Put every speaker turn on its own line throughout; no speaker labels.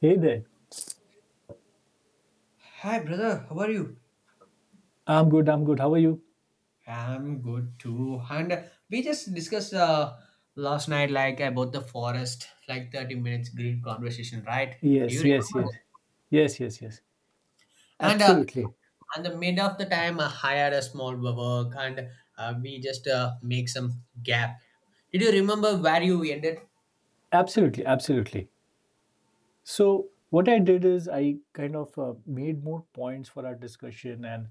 Hey there.
Hi, brother. How are you?
I'm good. I'm good. How are you?
I'm good too. And we just discussed last night, like about the forest, like 30 minutes great conversation, right? Do you
Yes, yes,
remember that?
yes. Yes, yes, yes.
And uh,
Absolutely.
and the mid of the time, I hired a small work, and we just make some gap. Did you remember where you ended?
Absolutely. Absolutely. So, what I did is I kind of made more points for our discussion, and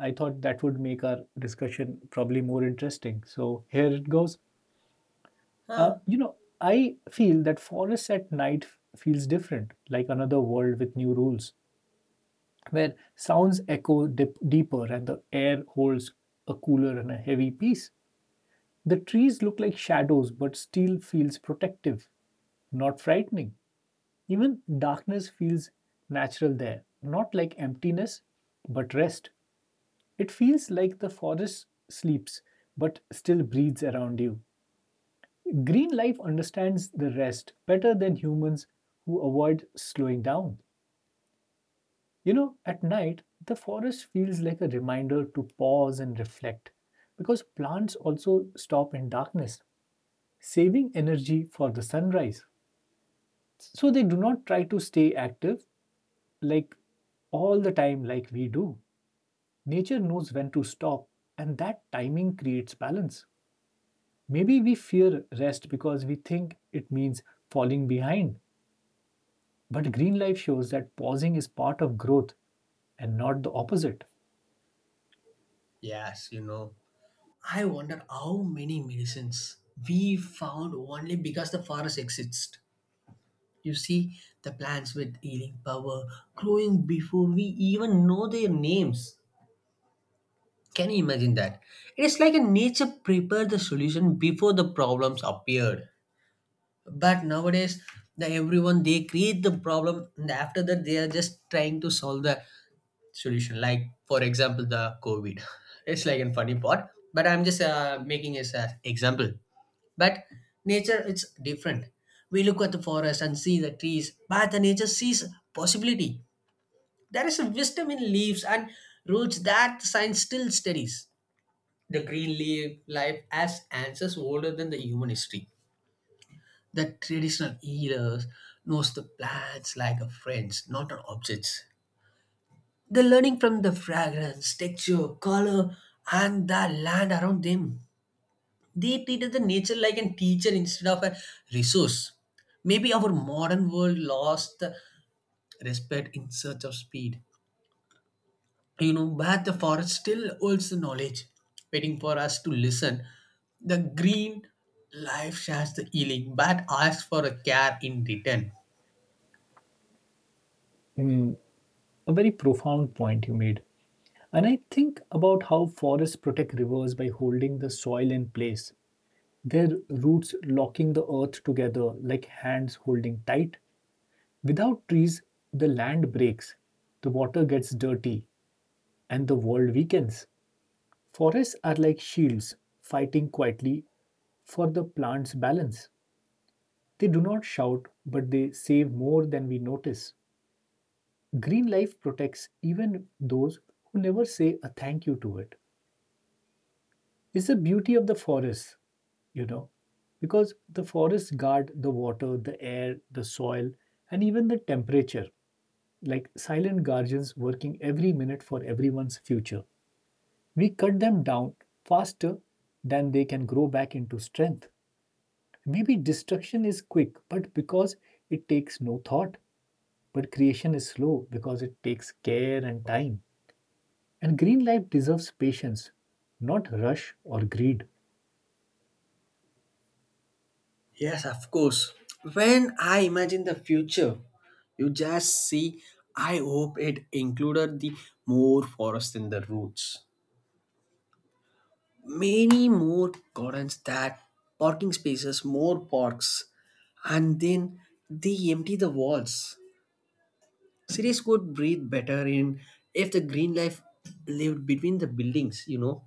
I thought that would make our discussion probably more interesting. So, here it goes.
Huh?
I feel that forests at night feels different, like another world with new rules, where sounds echo deeper and the air holds a cooler and a heavy peace. The trees look like shadows, but still feels protective, not frightening. Even darkness feels natural there, not like emptiness, but rest. It feels like the forest sleeps, but still breathes around you. Green life understands the rest better than humans who avoid slowing down. At night, the forest feels like a reminder to pause and reflect because plants also stop in darkness, saving energy for the sunrise. So they do not try to stay active like all the time like we do. Nature knows when to stop and that timing creates balance. Maybe we fear rest because we think it means falling behind, but green life shows that pausing is part of growth and not the opposite.
Yes, you know, I wonder how many medicines we found only because the forest exists. You see the plants with healing power growing before we even know their names. Can you imagine that? It is like a nature prepared the solution before the problems appeared. But nowadays, the everyone they create the problem and after that they are just trying to solve the solution. Like for example, the COVID. It's like a funny part, but I'm just making as an example, but nature, it's different. We look at the forest and see the trees, but the nature sees possibility. There is a wisdom in leaves and roots that science still studies. The green leaf life has answers older than the human history. The traditional healers knows the plants like a friends, not an objects. They're learning from the fragrance, texture, color, and the land around them. They treated the nature like a teacher instead of a resource. Maybe our modern world lost the respect in search of speed. You know, but the forest still holds the knowledge, waiting for us to listen. The green life shares the healing, but asks for a care in return.
Hmm, a very profound point you made. And I think about how forests protect rivers by holding the soil in place, their roots locking the earth together like hands holding tight. Without trees, the land breaks, the water gets dirty, and the world weakens. Forests are like shields, fighting quietly for the plant's balance. They do not shout, but they save more than we notice. Green life protects even those who never say a thank you to it. It's the beauty of the forest, you know, because the forests guard the water, the air, the soil, and even the temperature, like silent guardians working every minute for everyone's future. We cut them down faster than they can grow back into strength. Maybe destruction is quick, but because it takes no thought, but creation is slow because it takes care and time. And green life deserves patience, not rush or greed.
Yes, of course. When I imagine the future, you just see, I hope it included the more forest in the roots. Many more gardens, that parking spaces, more parks, and then they empty the walls, cities could breathe better in if the green life lived between the buildings, you know,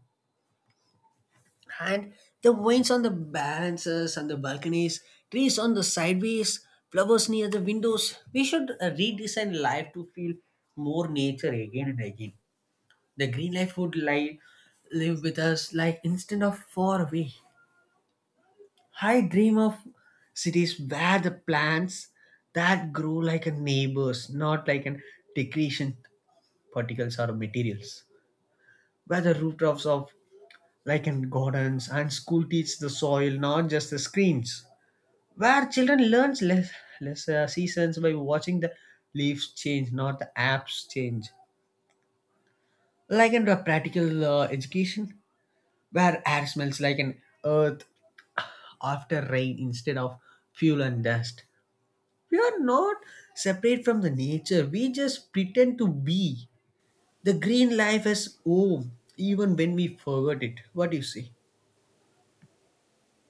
and the vines on the balances and the balconies, trees on the sideways, flowers near the windows. We should redesign life to feel more nature again and again. The green life would lie live with us, like, instead of far away. I dream of cities where the plants that grow like a neighbors, not like an decretion particles or materials. Where the rooftops of like in gardens and school teach the soil, not just the screens. Where children learn less, less seasons by watching the leaves change, not the apps change. Like in the practical education, where air smells like an earth after rain instead of fuel and dust. We are not separate from the nature. We just pretend to be. The green life as home, even when we forget it. What do you say?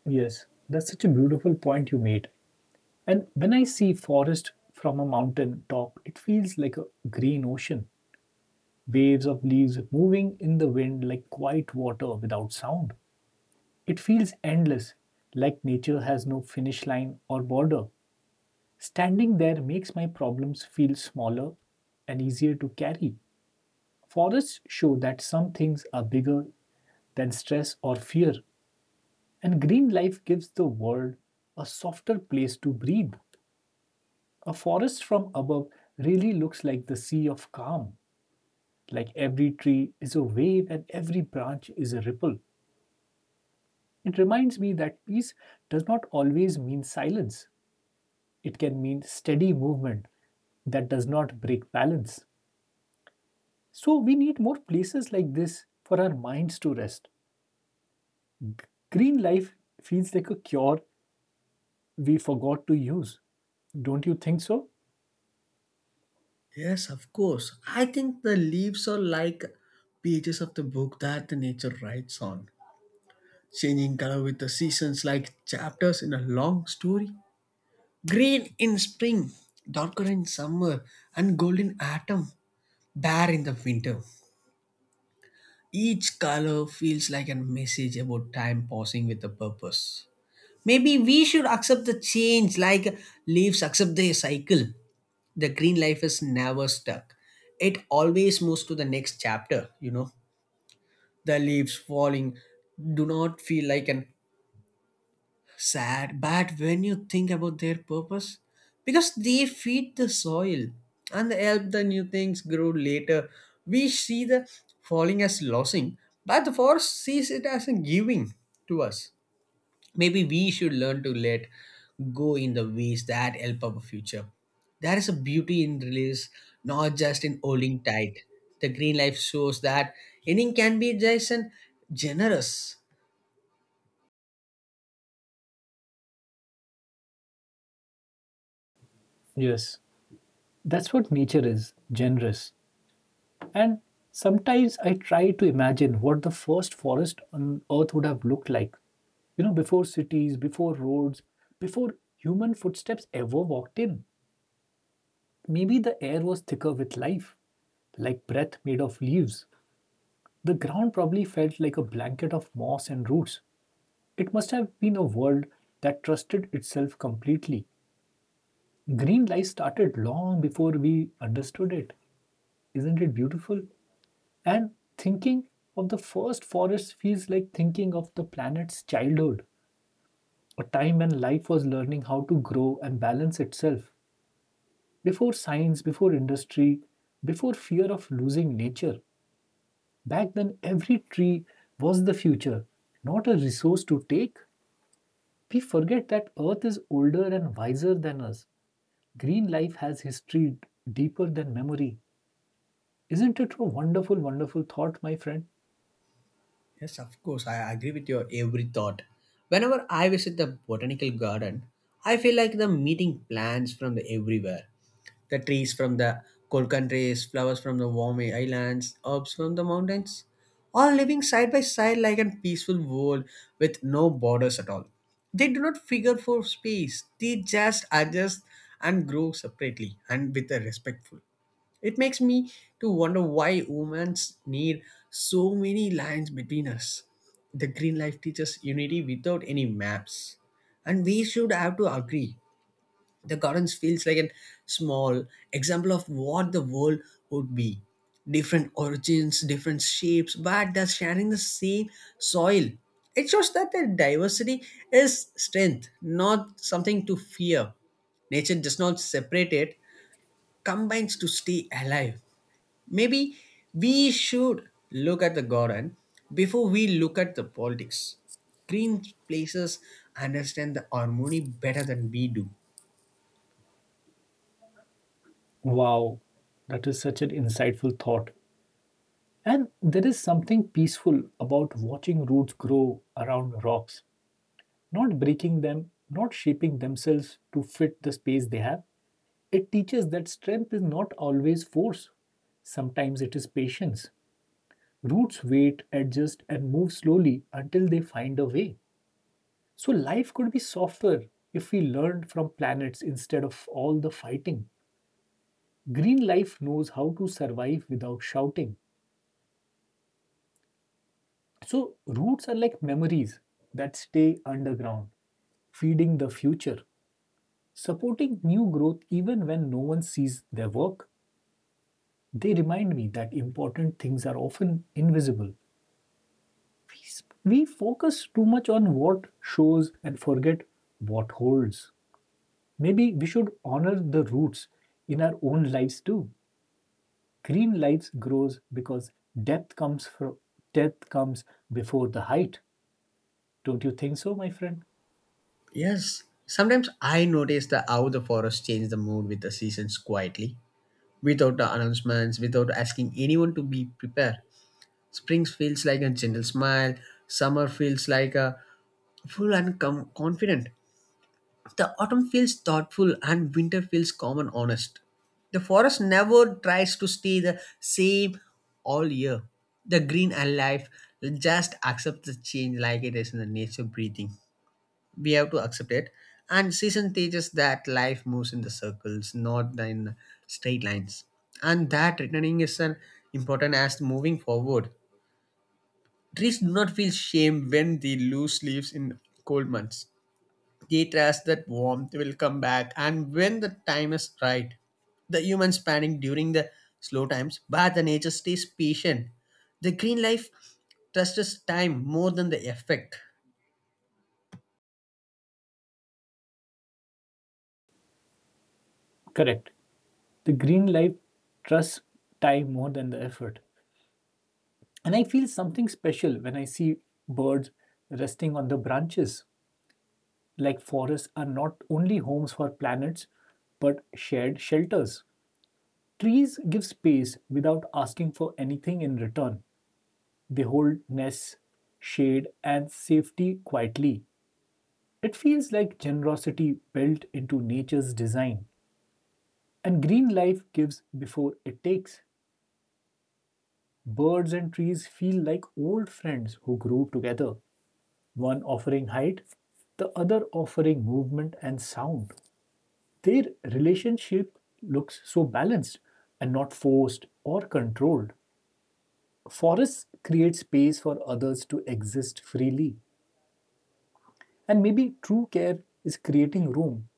Yes, that's such a beautiful point you made. And when I see forest from a mountain top, it feels like a green ocean, waves of leaves moving in the wind like quiet water without sound. It feels endless, like nature has no finish line or border. Standing there makes my problems feel smaller and easier to carry. Forests show that some things are bigger than stress or fear, and green life gives the world a softer place to breathe. A forest from above really looks like the sea of calm, like every tree is a wave and every branch is a ripple. It reminds me that peace does not always mean silence, it can mean steady movement that does not break balance. So, we need more places like this for our minds to rest. Green life feels like a cure we forgot to use. Don't you think so?
Yes, of course. I think the leaves are like pages of the book that the nature writes on, changing color with the seasons like chapters in a long story. Green in spring, darker in summer, and golden autumn, bare in the winter. Each color feels like a message about time passing with a purpose. Maybe we should accept the change like leaves accept their cycle. The green life is never stuck. It always moves to the next chapter, you know. The leaves falling do not feel like an sad, but when you think about their purpose, because they feed the soil and help the new things grow later. We see the falling as losing, but the forest sees it as a giving to us. Maybe we should learn to let go in the ways that help our future. There is a beauty in release, not just in holding tight. The green life shows that inning can be just and generous.
Yes, that's what nature is: generous. And sometimes I try to imagine what the first forest on earth would have looked like, before cities, before roads, before human footsteps ever walked in. Maybe the air was thicker with life, like breath made of leaves. The ground probably felt like a blanket of moss and roots. It must have been a world that trusted itself completely. Green life started long before we understood it. Isn't it beautiful? And thinking of the first forest feels like thinking of the planet's childhood, a time when life was learning how to grow and balance itself. Before science, before industry, before fear of losing nature, back then every tree was the future, not a resource to take. We forget that Earth is older and wiser than us. Green life has history deeper than memory. Isn't it a wonderful, wonderful thought, my friend?
Yes, of course, I agree with your every thought. Whenever I visit the botanical garden, I feel like the meeting plants from the everywhere. The trees from the Kolkan trees, flowers from the warm islands, herbs from the mountains, all living side by side like a peaceful world with no borders at all. They do not figure for space, they just adjust and grow separately and with a respectful. It makes me to wonder why humans need so many lines between us. The green life teaches unity without any maps, and we should have to agree. The gardens feels like a small example of what the world would be. Different origins, different shapes, but they're sharing the same soil. It shows that the diversity is strength, not something to fear. Nature does not separate it, combines to stay alive. Maybe we should look at the garden before we look at the politics. Green places understand the harmony better than we do.
Wow, that is such an insightful thought. And there is something peaceful about watching roots grow around rocks, not breaking them, not shaping themselves to fit the space they have. It teaches that strength is not always force, sometimes it is patience. Roots wait, adjust, and move slowly until they find a way. So life could be softer if we learned from planets instead of all the fighting. Green life knows how to survive without shouting. So, roots are like memories that stay underground, feeding the future, supporting new growth even when no one sees their work. They remind me that important things are often invisible. We focus too much on what shows and forget what holds. Maybe we should honor the roots in our own lives too. Green lives grows because depth comes from depth comes before the height. Don't you think so, my friend?
Yes, sometimes I notice that how the forest change the mood with the seasons quietly, without the announcements, without asking anyone to be prepared. Spring feels like a gentle smile, summer feels like a full and confident, the autumn feels thoughtful, and winter feels calm and honest. The forest never tries to stay the same all year. The green and life just accept the change like it is in the nature breathing. We have to accept it. And season teaches that life moves in the circles, not in straight lines. And that returning is an important as moving forward. Trees do not feel shame when they lose leaves in cold months. They trust that warmth will come back, and when the time is right, the humans panic during the slow times, but the nature stays patient. The green life trusts time more than the effect.
Correct. The green light trusts time more than the effort. And I feel something special when I see birds resting on the branches. Like forests are not only homes for planets, but shared shelters. Trees give space without asking for anything in return. They hold nests, shade, and safety quietly. It feels like generosity built into nature's design. And green life gives before it takes. Birds and trees feel like old friends who grew together, one offering height, the other offering movement and sound. Their relationship looks so balanced and not forced or controlled. Forests create space for others to exist freely, and maybe true care is creating room,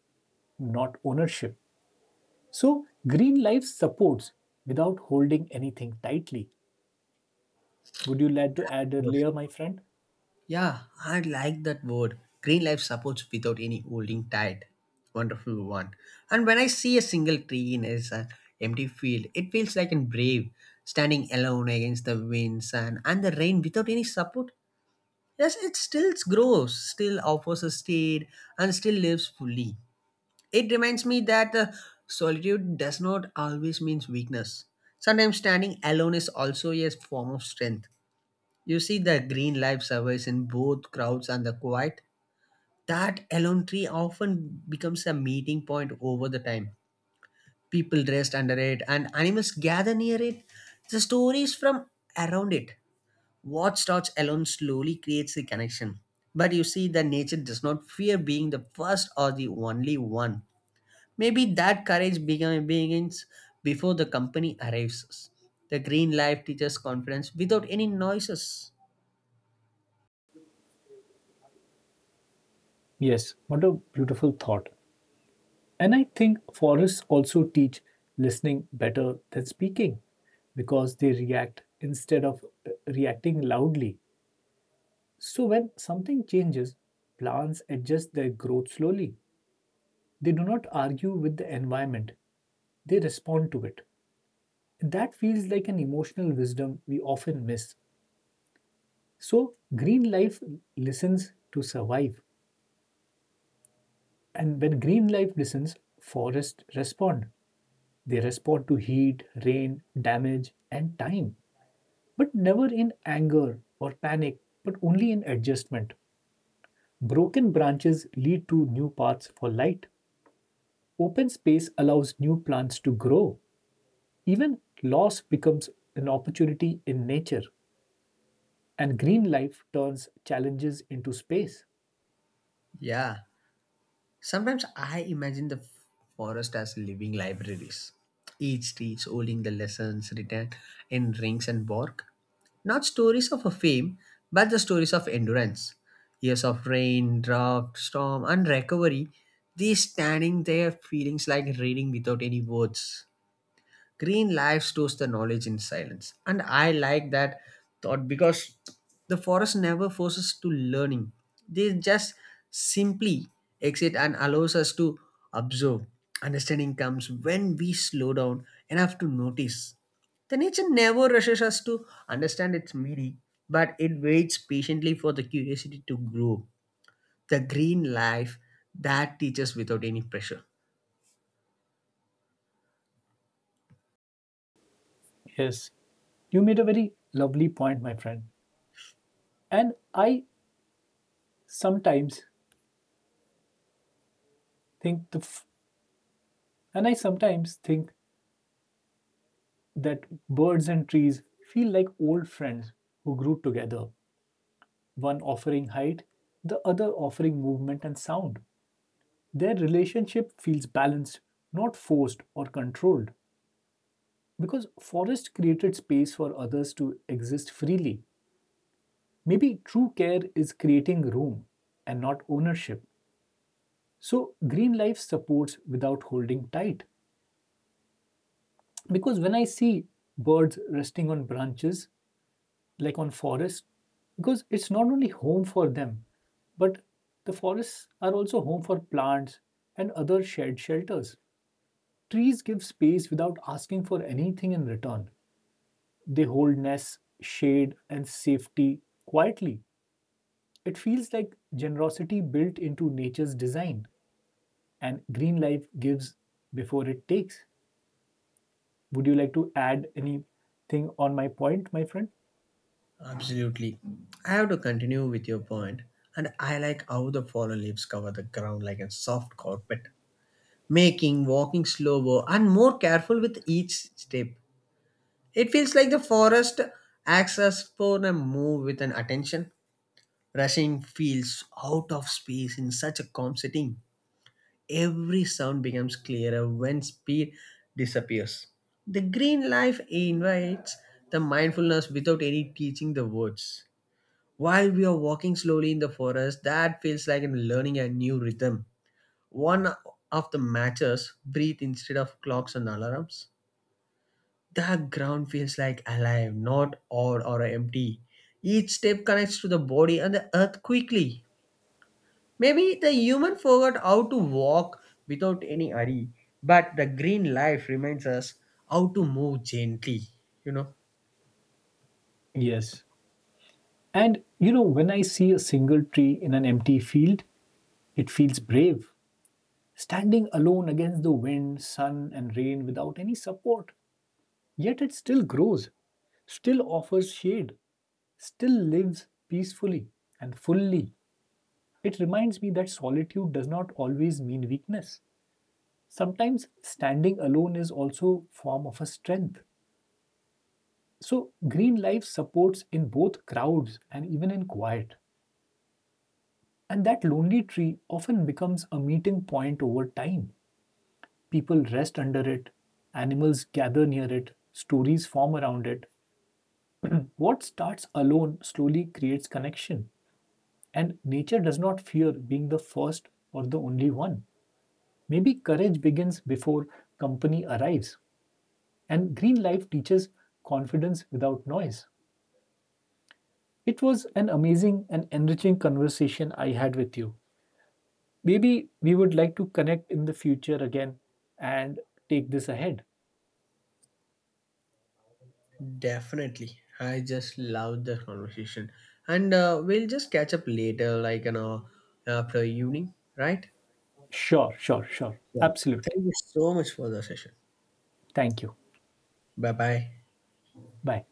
not ownership. So, green life supports without holding anything tightly. Would you like to add a
Good.
layer, my friend?
Yeah, I like that word, green life supports without any holding tight. Wonderful one. And when I see a single tree in an empty field, it feels like an brave, standing alone against the winds and the rain without any support. Yes, it still grows, still offers a shade, and still lives fully. It reminds me that solitude does not always mean weakness. Sometimes standing alone is also a form of strength. You see, the green life survives in both crowds and the quiet. That alone tree often becomes a meeting point over the time. People rest under it, and animals gather near it. The stories from around it, what starts alone slowly creates the connection. But you see, the nature does not fear being the first or the only one. Maybe that courage begins before the company arrives. The green life teaches confidence without any noises.
Yes, what a beautiful thought. And I think forests also teach listening better than speaking because they react instead of reacting loudly. So when something changes, plants adjust their growth slowly. They do not argue with the environment, they respond to it. That feels like an emotional wisdom we often miss. So, green life listens to survive. And when green life listens, forests respond. They respond to heat, rain, damage, and time, but never in anger or panic, but only in adjustment. Broken branches lead to new paths for light. Open space allows new plants to grow. Even loss becomes an opportunity in nature, and green life turns challenges into space.
Yeah. Sometimes I imagine the forest as living libraries, each tree holding the lessons written in rings and bark. Not stories of a fame, but the stories of endurance. Years of rain, drought, storm, and recovery, these standing there feelings like reading without any words. Green life stores the knowledge in silence. And I like that thought because the forest never forces to learning. They just simply exit and allows us to observe. Understanding comes when we slow down enough to notice. The nature never rushes us to understand its meaning, but it waits patiently for the curiosity to grow. The green life that teaches without any pressure.
Yes, you made a very lovely point, my friend. And I sometimes think the f- and I sometimes think that birds and trees feel like old friends who grew together, one offering height, the other offering movement and sound. Their relationship feels balanced, not forced or controlled, because forests created space for others to exist freely. Maybe true care is creating room and not ownership. So, green life supports without holding tight. Because when I see birds resting on branches, like on forests, because it's not only home for them but the forests are also home for plants and other shared shelters, trees give space without asking for anything in return, they hold nests, shade, and safety quietly. It feels like generosity built into nature's design, and green life gives before it takes. Would you like to add anything on my point, my friend?
Absolutely. I have to continue with your point, and I like how the fallen leaves cover the ground like a soft carpet, making walking slower and more careful with each step. It feels like the forest acts as for a move with an attention. Rushing feels out of space in such a calm setting. Every sound becomes clearer when speed disappears. The green life invites the mindfulness without any teaching the words. While we are walking slowly in the forest, that feels like I'm learning a new rhythm. One of the matches breathe instead of clocks and alarms. The ground feels like alive, not odd or empty. Each step connects to the body and the earth quickly. Maybe the human forgot how to walk without any hurry, but the green life reminds us how to move gently, you know.
Yes. And when I see a single tree in an empty field, it feels brave, standing alone against the wind, sun, and rain without any support. Yet it still grows, still offers shade, still lives peacefully and fully. It reminds me that solitude does not always mean weakness. Sometimes standing alone is also a form of a strength. So green life supports in both crowds and even in quiet. And that lonely tree often becomes a meeting point over time. People rest under it, animals gather near it, stories form around it. What starts alone slowly creates connection, and nature does not fear being the first or the only one. Maybe courage begins before company arrives, and green life teaches confidence without noise. It was an amazing and enriching conversation I had with you. Maybe we would like to connect in the future again and take this ahead.
Definitely. I just love the conversation. And we'll just catch up later, like, you know, after evening, right?
Sure, sure, sure.
Yeah.
Absolutely.
Thank you so much for the session.
Thank you.
Bye bye.
Bye.